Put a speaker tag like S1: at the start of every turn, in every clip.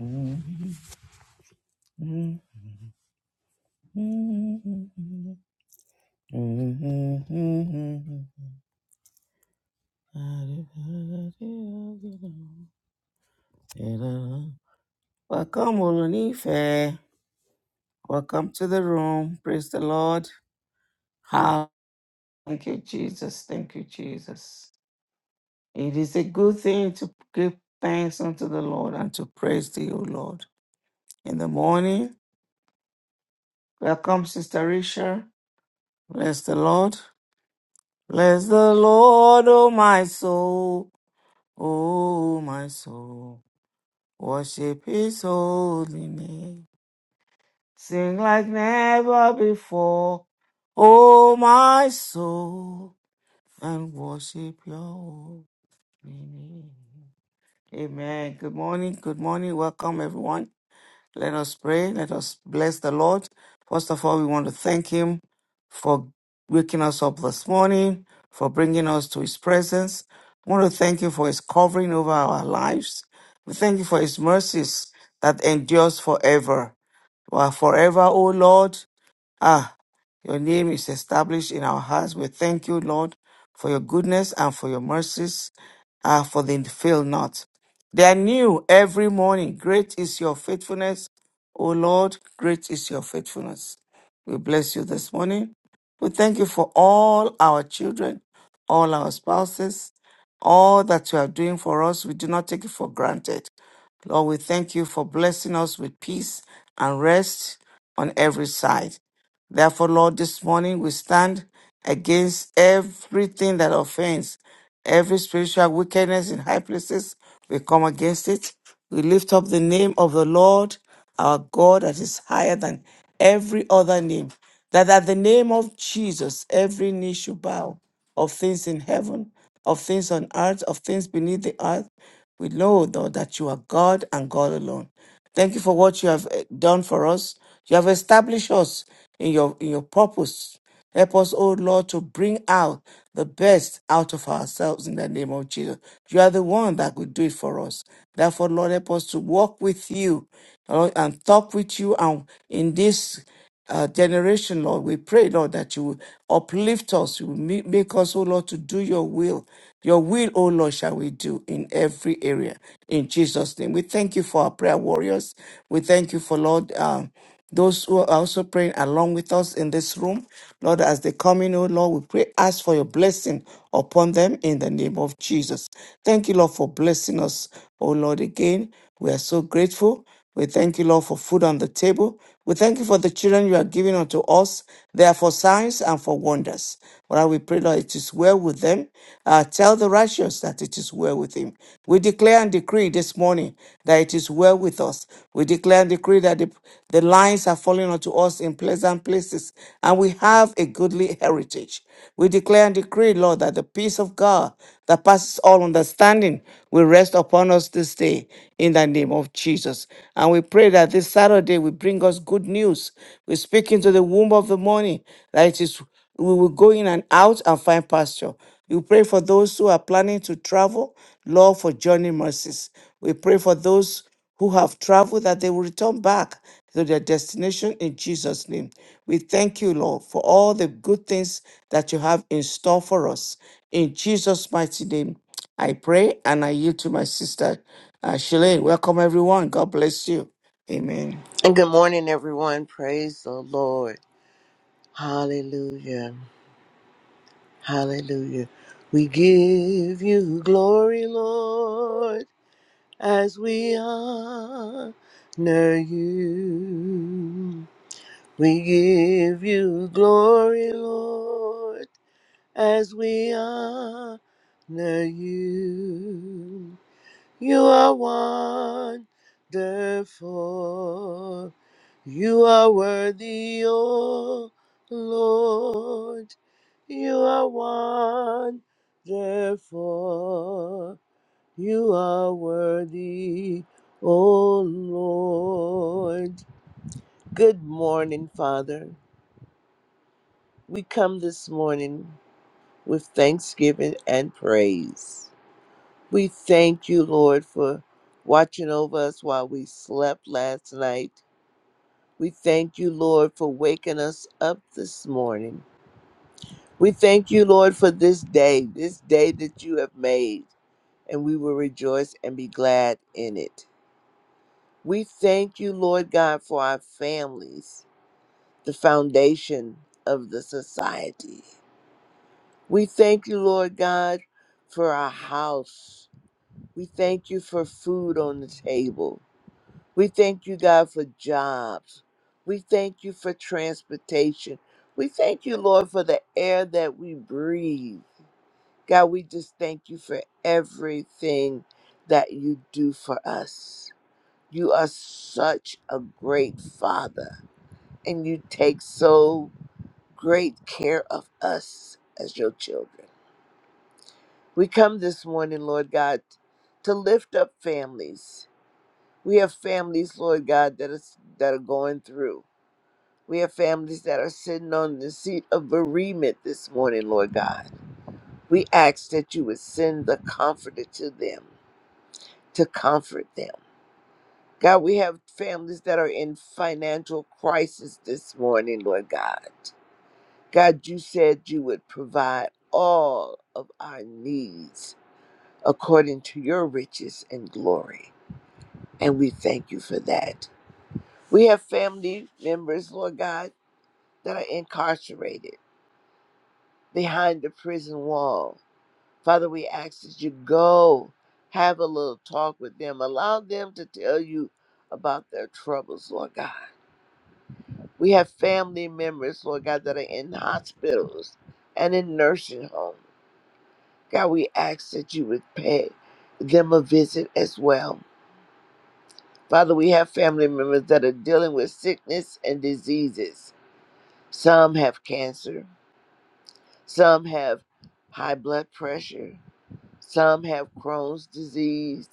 S1: Welcome, Olunife. Welcome to the room. Praise the Lord. How? Thank you, Jesus. Thank you, Jesus. It is a good thing to give thanks unto the Lord and to praise thee, O Lord. In the morning, welcome, Sister Risha. Bless the Lord. Bless the Lord, O my soul. Oh, my soul, worship his holy name. Sing like never before. Oh, my soul, and worship your holy name. Amen. Good morning. Good morning. Welcome, everyone. Let us pray. Let us bless the Lord. First of all, we want to thank Him for waking us up this morning, for bringing us to His presence. We want to thank Him for His covering over our lives. We thank you for His mercies that endures forever. You are forever, O Lord. Ah, your name is established in our hearts. We thank you, Lord, for your goodness and for your mercies, ah, for they fail not. They are new every morning. Great is your faithfulness, O Lord. Great is your faithfulness. We bless you this morning. We thank you for all our children, all our spouses, all that you are doing for us. We do not take it for granted. Lord, we thank you for blessing us with peace and rest on every side. Therefore, Lord, this morning we stand against everything that offends, every spiritual wickedness in high places. We come against it. We lift up the name of the Lord, our God, that is higher than every other name. That at the name of Jesus, every knee should bow of things in heaven, of things on earth, of things beneath the earth we know, Lord, that you are God and God alone. Thank you for what you have eh, done for us. You have established us in your in your purpose. Help us, O Lord, to bring out the best out of ourselves in the name of Jesus. You are the one that could do it for us. Therefore, Lord, help us to walk with you Lord, and talk with you and in this uh, generation, Lord. We pray, Lord, that you will uplift us, you will ma- make us, oh Lord, to do your will. Your will, oh Lord, shall we do in every area. In Jesus' name. We thank you for our prayer warriors. We thank you for, Lord, um, those who are also praying along with us in this room. Lord, as they come in, oh Lord, we pray, ask for your blessing upon them in the name of Jesus. Thank you, Lord, for blessing us, oh Lord, again. We are so grateful. We thank you, Lord, for food on the table. We thank you for the children you are giving unto us. They are for signs and for wonders. Lord, we pray, Lord, it is well with them. Uh, tell the righteous that it is well with him. We declare and decree this morning that it is well with us. We declare and decree that the, the lines are falling unto us in pleasant places. And we have a goodly heritage. We declare and decree, Lord, that the peace of God that passes all understanding will rest upon us this day in the name of Jesus. And we pray that this Saturday will bring us good news. We speak into the womb of the morning that it is we will go in and out and find pasture. We pray for those who are planning to travel, Lord, for journey mercies. We pray for those who have traveled that they will return back to their destination in Jesus' name. We thank you, Lord, for all the good things that you have in store for us. In Jesus' mighty name, I pray and I yield to my sister, uh, Shalane. Welcome, everyone. God bless you. Amen.
S2: And good morning, everyone. Praise the Lord. Hallelujah. Hallelujah. We give you glory, Lord, as we honor you. We give you glory, Lord, as we honor you. You are wonderful. You are worthy, O Lord. You are wonderful. You are worthy, O Lord. Good morning, Father. We come this morning with thanksgiving and praise. We thank you, Lord, for watching over us while we slept last night. We thank you, Lord, for waking us up this morning. We thank you, Lord, for this day, this day that you have made, and we will rejoice and be glad in it. We thank you, Lord God, for our families, the foundation of the society. We thank you, Lord God, for our house. We thank you for food on the table. We thank you, God, for jobs. We thank you for transportation. We thank you, Lord, for the air that we breathe. God, we just thank you for everything that you do for us. You are such a great father, and you take so great care of us as your children. We come this morning, Lord God, to lift up families. We have families, Lord God, that is that are going through. We have families that are sitting on the seat of bereavement this morning, Lord God. We ask that you would send the comforter to them to comfort them. God, we have families that are in financial crisis this morning, Lord God. God, you said you would provide all of our needs according to your riches and glory. And we thank you for that. We have family members, Lord God, that are incarcerated behind the prison wall Father, we ask that you go have a little talk with them. Allow them to tell you about their troubles, Lord God. We have family members, Lord God, that are in hospitals and in nursing homes. God, we ask that you would pay them a visit as well. Father, we have family members that are dealing with sickness and diseases. Some have cancer, some have high blood pressure, Some have Crohn's disease.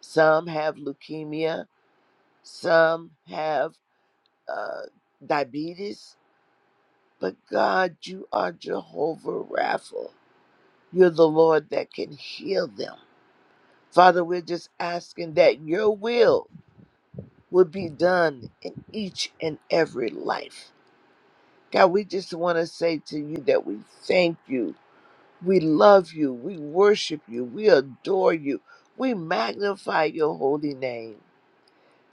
S2: Some have leukemia. Some have uh, diabetes. But God, you are Jehovah Rapha. You're the Lord that can heal them. Father, we're just asking that your will would be done in each and every life. God, we just want to say to you that we thank you. We love you. We worship you. We adore you. We magnify your holy name.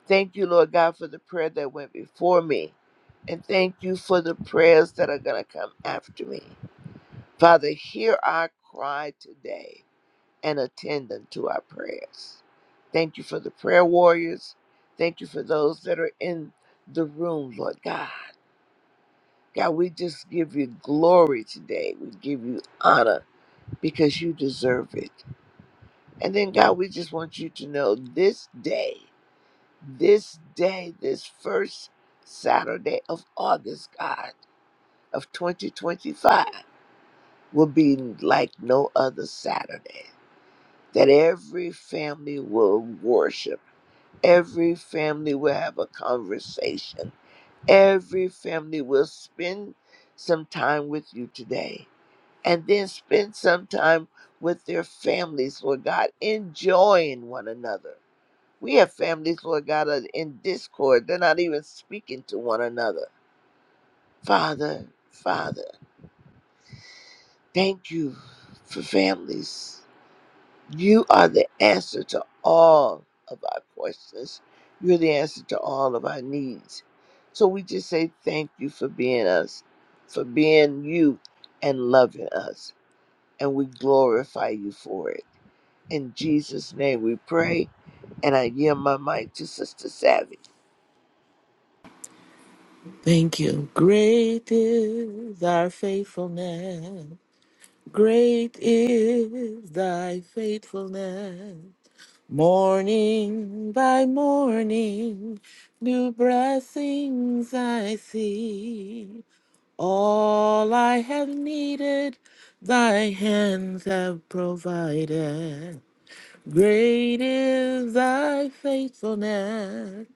S2: Thank you, Lord God, for the prayer that went before me. And thank you for the prayers that are going to come after me. Father, hear our cry today and attend unto our prayers. Thank you for the prayer warriors. Thank you for those that are in the room, Lord God. God, we just give you glory today. We give you honor because you deserve it. And then, God, we just want you to know this day. this day, this first Saturday of August, God, of 2025, will be like no other Saturday. That every family will worship, every family will have a conversation, every family will spend some time with you today, and then spend some time with their families, Lord God, enjoying one another We have families, Lord God, that are in discord. They're not even speaking to one another. Father, Father, thank you for families. You are the answer to all of our questions. You're the answer to all of our needs. So we just say thank you for being us, for being you and loving us. And we glorify you for it. In Jesus' name we pray. And I yield my mic to Sister Savvy.
S3: Thank you. Great is thy faithfulness. Great is thy faithfulness. Morning by morning, new blessings I see. All I have needed, thy hands have provided. Great is thy faithfulness.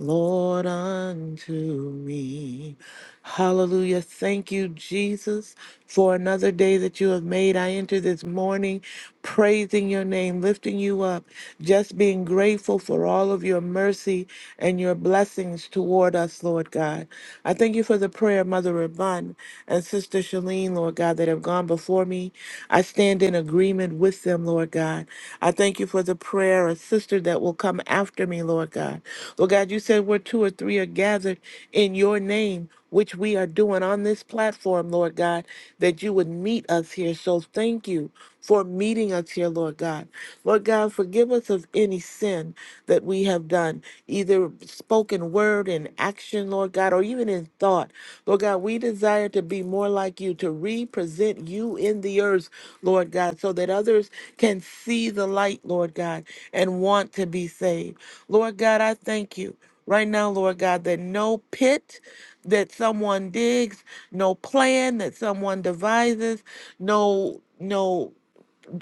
S3: Lord unto me. Hallelujah. Thank you, Jesus, for another day that you have made. I enter this morning praising your name, lifting you up, just being grateful for all of your mercy and your blessings toward us, Lord God. I thank you for the prayer, of Mother Rabun and Sister Shalene, Lord God, that have gone before me. I stand in agreement with them, Lord God. I thank you for the prayer, a sister that will come after me, Lord God. Lord God, you said where two or three are gathered in your name, which we are doing on this platform, Lord God, that you would meet us here. So thank you for meeting us here, Lord God. Lord God, forgive us of any sin that we have done, either spoken word in action, Lord God, or even in thought. Lord God, we desire to be more like you, to represent you in the earth, Lord God, so that others can see the light, Lord God, and want to be saved. Lord God, I thank you right now, Lord God, that no pit that someone digs, no plan that someone devises, no no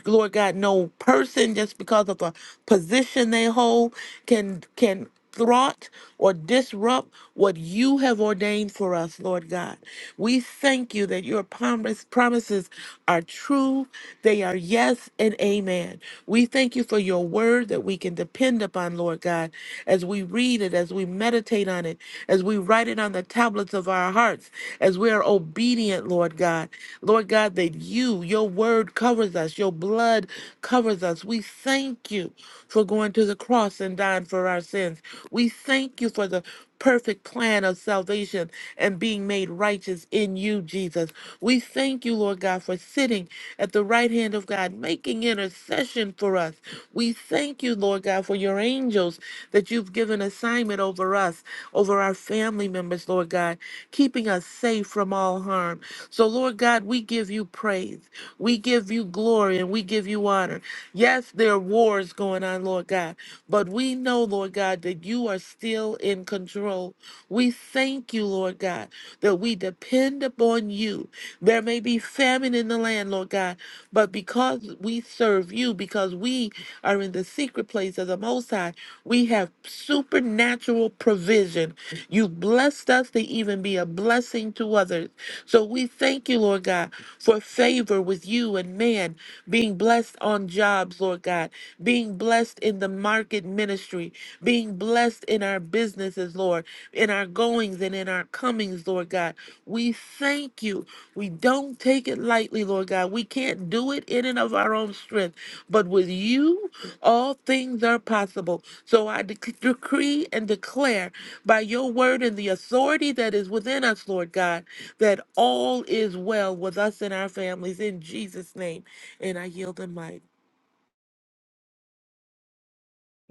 S3: Lord God, no person just because of a position they hold can can thwart or disrupt what you have ordained for us, Lord God. We thank you that your promise, promises are true. They are yes and amen. We thank you for your word that we can depend upon, Lord God, as we read it, as we meditate on it, as we write it on the tablets of our hearts, as we are obedient, Lord God. Lord God, that you, your word covers us, your blood covers us. We thank you for going to the cross and dying for our sins. We thank you for the perfect plan of salvation and being made righteous in you, Jesus. We thank you, Lord God, for sitting at the right hand of God, making intercession for us. We thank you, Lord God, for your angels that you've given assignment over us, over our family members, Lord God, keeping us safe from all harm. So, Lord God, we give you praise. We give you glory and we give you honor. Yes, there are wars going on, Lord God, but we know, Lord God, that you are still in control. We thank you, Lord God, that we depend upon you. There may be famine in the land, Lord God, but because we serve you, because we are in the secret place of the Most High, we have supernatural provision. You've blessed us to even be a blessing to others. So we thank you, Lord God, for favor with you and man, being blessed on jobs, Lord God, being blessed in the market ministry, being blessed in our business businesses, Lord, in our goings and in our comings, Lord God. We thank you. We don't take it lightly, Lord God. We can't do it in and of our own strength, but with you, all things are possible. So I dec decree and declare by your word and the authority that is within us, Lord God, that all is well with us and our families in Jesus' name. And I yield the mic.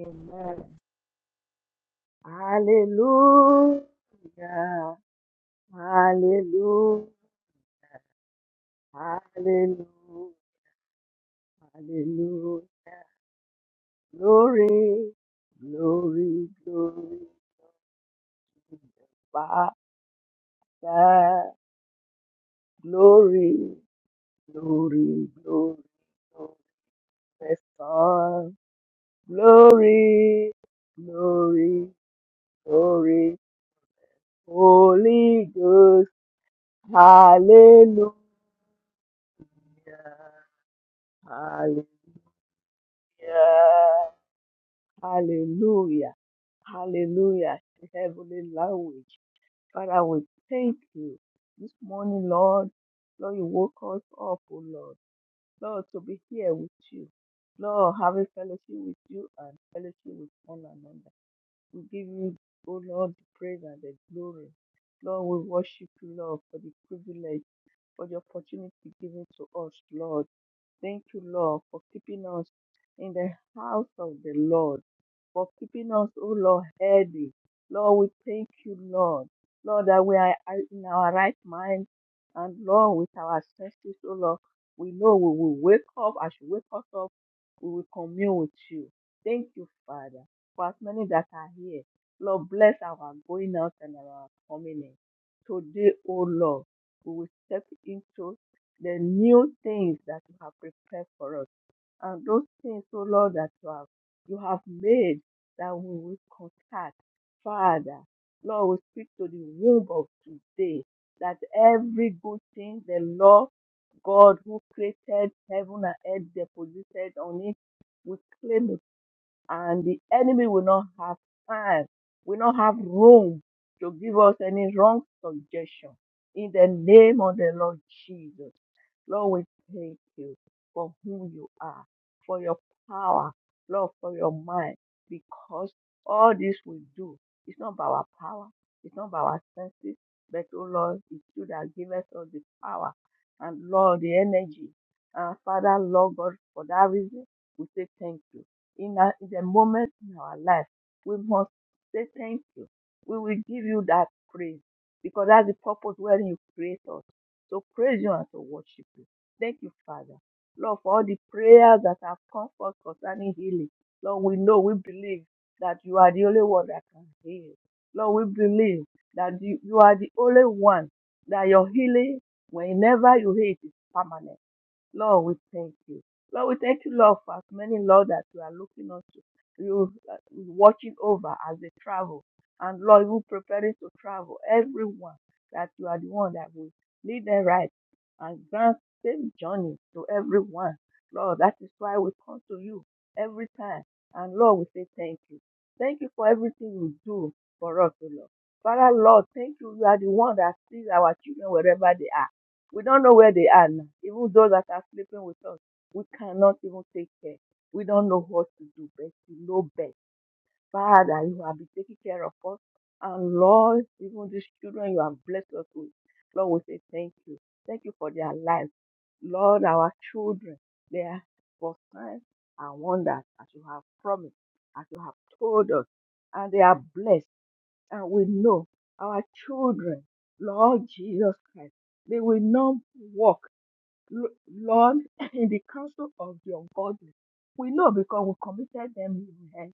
S4: Amen. Hallelujah. Hallelujah. Hallelujah. Hallelujah. Glory. Glory. Glory. to the Father. Glory. Glory. Glory. Glory. to the Son. Glory. Glory. Glory. Holy Ghost. Hallelujah. Hallelujah. Hallelujah. Hallelujah. Heavenly language. Father, we thank you. This morning, Lord, Lord, you woke us up, oh Lord. Lord, to be here with you. Lord, having fellowship with you and fellowship with one another. We give you, oh Lord, the praise and the glory. Lord, we worship you, Lord, for the privilege, for the opportunity given to us, Lord. Thank you, Lord, for keeping us in the house of the Lord, for keeping us, oh Lord, healthy. Lord, we thank you, Lord. Lord, that we are in our right mind. And Lord, with our senses, oh Lord, we know we will wake up. As you wake us up, we will commune with you. Thank you, Father, for as many that are here. Lord, bless our going out and our coming in. Today, oh Lord, we will step into the new things that you have prepared for us. And those things, oh Lord, that you have you have made that we will contact. Father, Lord, we speak to the womb of today that every good thing the Lord God who created heaven and earth deposited on it will claim it. And the enemy will not have time, will not have room to give us any wrong suggestion. In the name of the Lord Jesus. Lord, we thank you for who you are, for your power, Lord, for your mind, because all this we do, it's not by our power, it's not by our senses, but oh Lord, it's you that give us all the power and Lord, the energy. Uh, Father, Lord God, for that reason, we say thank you. In, a, in the moment in our life, we must say thank you. We will give you that praise because that's the purpose wherein you create us to praise you and to worship you. Thank you, Father. Lord, for all the prayers that have come forth concerning healing. Lord, we know, we believe that you are the only one that can heal. Lord, we believe that you, you are the only one that your healing, whenever you heal, it is permanent. Lord, we thank you. Lord, we thank you, Lord, for as many, Lord, that you are looking on to, you uh, watching over as they travel. And Lord, you preparing to travel, everyone, that you are the one that will lead them right and grant same journey to everyone. Lord, that is why we come to you every time. And Lord, we say thank you. Thank you for everything you do for us, O Lord. Father, Lord, thank you. You are the one that sees our children wherever they are. We don't know where they are now. Even those that are sleeping with us, we cannot even take care. We don't know what to do, but you know best. Father, you have been taking care of us. And Lord, even these children you have blessed us with, Lord, we say thank you. Thank you for their lives. Lord, our children, they are for signs and wonders as you have promised, as you have told us. And they are blessed. And we know our children, Lord Jesus Christ, they will not walk L- Lord, in the counsel of the ungodly. We know because we committed them in your hand.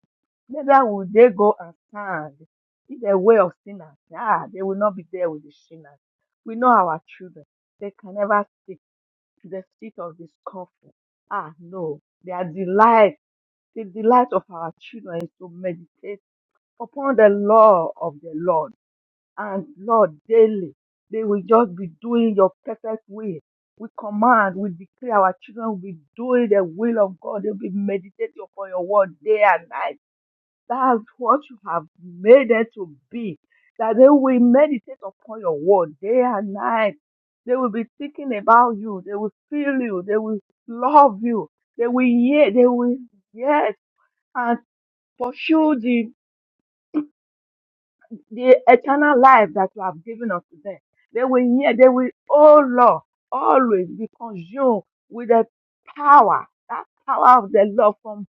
S4: Neither will they go and stand in the way of sinners. Ah, they will not be there with the sinners. We know our children. They can never sit to the seat of discomfort. Ah, no. Their delight, the delight of our children is to meditate upon the law of the Lord and Lord, daily, they will just be doing your perfect will. We command, we declare our children will be doing the will of God. They'll be meditating upon your word day and night. That's what you have made them to be. That they will meditate upon your word day and night. They will be thinking about you. They will feel you. They will love you. They will hear. They will, yes, and pursue the the eternal life that you have given unto them. They will hear, they will, oh Lord, always be consumed with the power, that power of the Lord from,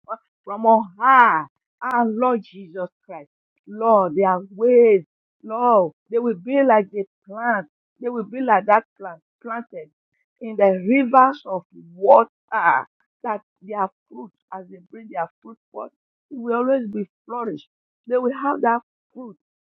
S4: from on high, our Lord Jesus Christ. Lord, their ways, Lord, they will be like the plant, they will be like that plant planted in the rivers of water, that their fruit, as they bring their fruit forth, it will always be flourished. They will have that fruit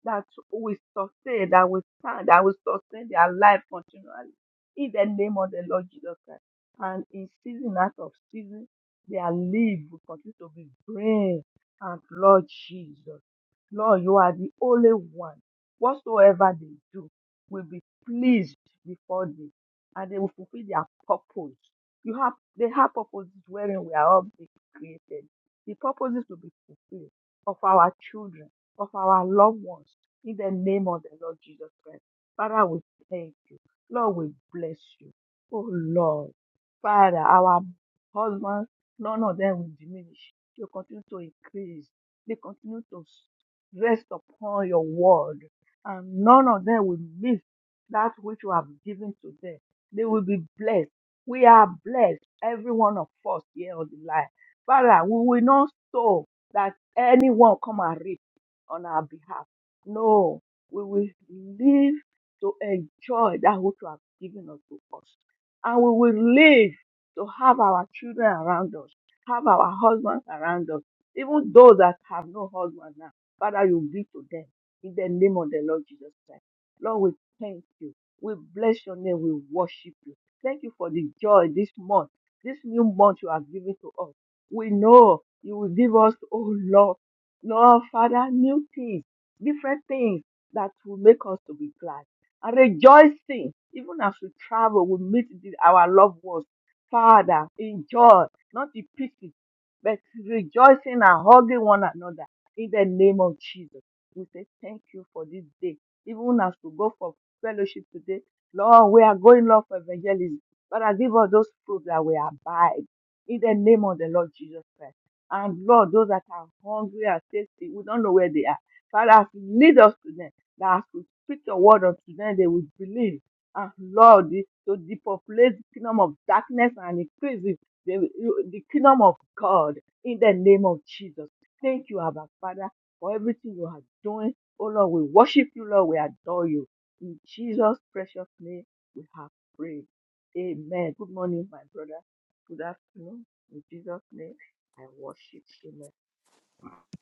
S4: that will sustain, that will stand, that will sustain their life continually. In the name of the Lord Jesus Christ. And in season out of season, their life will continue to be brave. And Lord Jesus, Lord, you are the only one. Whatsoever they do will be pleased before thee, and they will fulfill their purpose. You have they have purposes wherein we are all being created. The purposes will be fulfilled of our children of our loved ones in the name of the Lord Jesus Christ. Father, we thank you. Lord, we bless you. Oh Lord, Father, our husbands, none of them will diminish. You continue to increase. They continue to rest upon your word, and none of them will miss that which you have given to them. They will be blessed. We are blessed, every one of us here on the line. Father, we will not sow that anyone come and reap on our behalf. No, we will live to enjoy that which you have given us to us. And we will live to have our children around us, have our husbands around us, even those that have no husband now. Father, you give to them in the name of the Lord Jesus Christ. Lord, we thank you. We bless your name. We worship you. Thank you for the joy this month, this new month you have given to us. We know you will give us, oh Lord. Lord, Father, new things, different things that will make us to be glad and rejoicing. Even as we travel, we meet the- our loved ones. Father, enjoy, not the pity, but rejoicing and hugging one another in the name of Jesus. We say thank you for this day. Even as we go for fellowship today, Lord, we are going, Lord, for evangelism. Father, give us those fruits that we abide in the name of the Lord Jesus Christ. And Lord, those that are hungry and thirsty, we don't know where they are. Father, lead us to them. That as we speak your word unto them, they will believe. And Lord, the- to depopulate the kingdom of darkness and increase it, the, the kingdom of God in the name of Jesus. Thank you, Abba Father, for everything you are doing. Oh Lord, we worship you, Lord. We adore you. In Jesus' precious name, we have prayed. Amen. Good morning, my brother. Good afternoon. In Jesus' name. I worship in the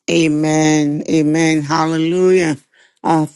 S1: Amen. Amen. Hallelujah. Our,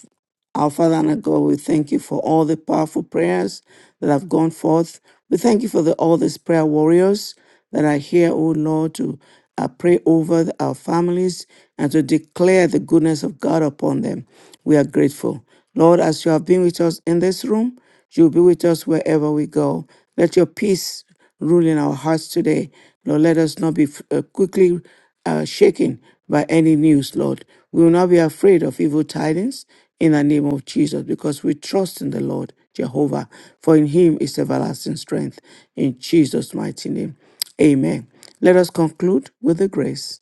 S1: our Father and our God, we thank you for all the powerful prayers that have gone forth. We thank you for the, all these prayer warriors that are here, O Lord, to uh, pray over the- our families and to declare the goodness of God upon them. We are grateful. Lord, as you have been with us in this room, you'll be with us wherever we go. Let your peace rule in our hearts today. Lord, let us not be uh, quickly uh, shaken by any news, Lord. We will not be afraid of evil tidings in the name of Jesus because we trust in the Lord Jehovah, for in him is everlasting strength. In Jesus' mighty name, amen. Let us conclude with the grace.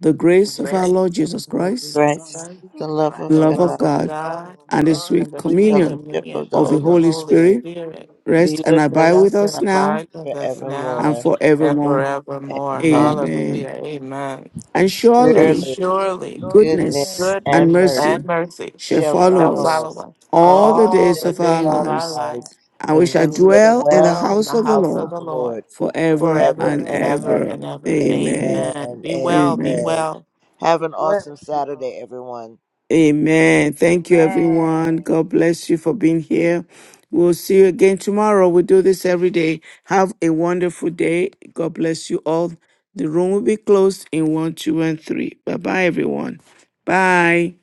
S1: The grace of our
S3: Grace
S1: Lord
S3: of
S1: Jesus
S3: our Lord Jesus
S1: Christ,
S2: Christ,
S4: one
S3: Christ,
S2: the
S4: Jesus
S2: love
S1: the
S4: Christ,
S2: of
S3: the
S1: love of
S3: love
S2: God,
S3: of
S1: God,
S4: the Lord
S3: God
S4: of
S1: and the
S2: and
S4: God,
S3: and
S1: sweet
S3: the
S2: we
S3: sweet
S4: and
S1: communion
S4: the
S2: fellowship
S4: true
S2: of
S3: communion
S2: the
S1: of the
S3: of the
S4: communion
S2: Holy
S1: Holy
S4: of the
S3: Holy
S4: Holy
S2: Spirit
S1: Spirit
S3: Spirit
S4: Spirit,
S1: rest
S2: be
S1: and
S2: with
S1: abide
S2: us
S4: rest
S1: with
S3: rest
S4: and
S3: and
S1: us
S2: now
S4: abide
S2: and
S1: now
S3: abide
S4: with us
S3: with us
S4: now
S1: and
S3: now
S2: forevermore.
S4: and
S3: and
S1: forevermore.
S4: forevermore.
S3: forevermore.
S2: Amen.
S1: Amen.
S3: Hallelujah.
S4: Amen.
S3: Amen.
S1: And
S3: And
S1: surely
S4: Surely
S2: Surely
S3: surely
S4: God's goodness
S1: goodness
S2: goodness
S3: goodness
S1: and
S2: and
S4: and
S2: mercy
S3: and
S1: mercy
S4: mercy
S3: mercy
S1: shall
S4: shall
S2: shall
S3: shall
S1: follow
S2: follow
S4: follow us
S1: us
S3: follow
S2: us
S3: us
S1: all the
S2: all
S4: all
S2: the
S3: all
S1: days
S3: the
S4: the
S1: of
S2: days
S1: our
S2: of
S3: days
S4: days
S3: of
S2: our
S4: of
S3: our
S1: lives,
S4: our
S2: lives,
S3: lives,
S4: life,
S1: and we
S2: and
S1: shall
S2: we
S3: and
S4: and we
S3: we
S2: shall
S3: shall
S4: shall
S1: dwell in the
S2: dwell
S3: dwell in
S4: dwell
S2: in
S1: house
S3: the
S1: of
S4: in
S2: the
S1: the
S4: the
S3: house
S2: house
S3: of
S2: of
S1: Lord
S3: the
S4: house
S2: the
S3: Lord
S2: Lord
S1: forever
S2: forever
S3: forever
S1: and
S3: and
S2: and
S3: ever
S4: forever.
S2: ever.
S1: ever.
S3: and ever.
S1: Amen.
S3: Amen.
S2: Amen.
S3: Be
S4: Amen.
S3: well, be
S1: Amen.
S2: Amen.
S3: well.
S2: Have
S4: It's
S2: an
S4: well
S2: awesome
S4: with you all.
S2: Saturday, everyone.
S1: Amen. Thank you,
S4: Amen.
S1: everyone. God bless you for being here. We'll see you again tomorrow. We do this every day. Have a wonderful day. God bless you all. The room will be closed in one, two, and three. Bye bye, everyone. Bye.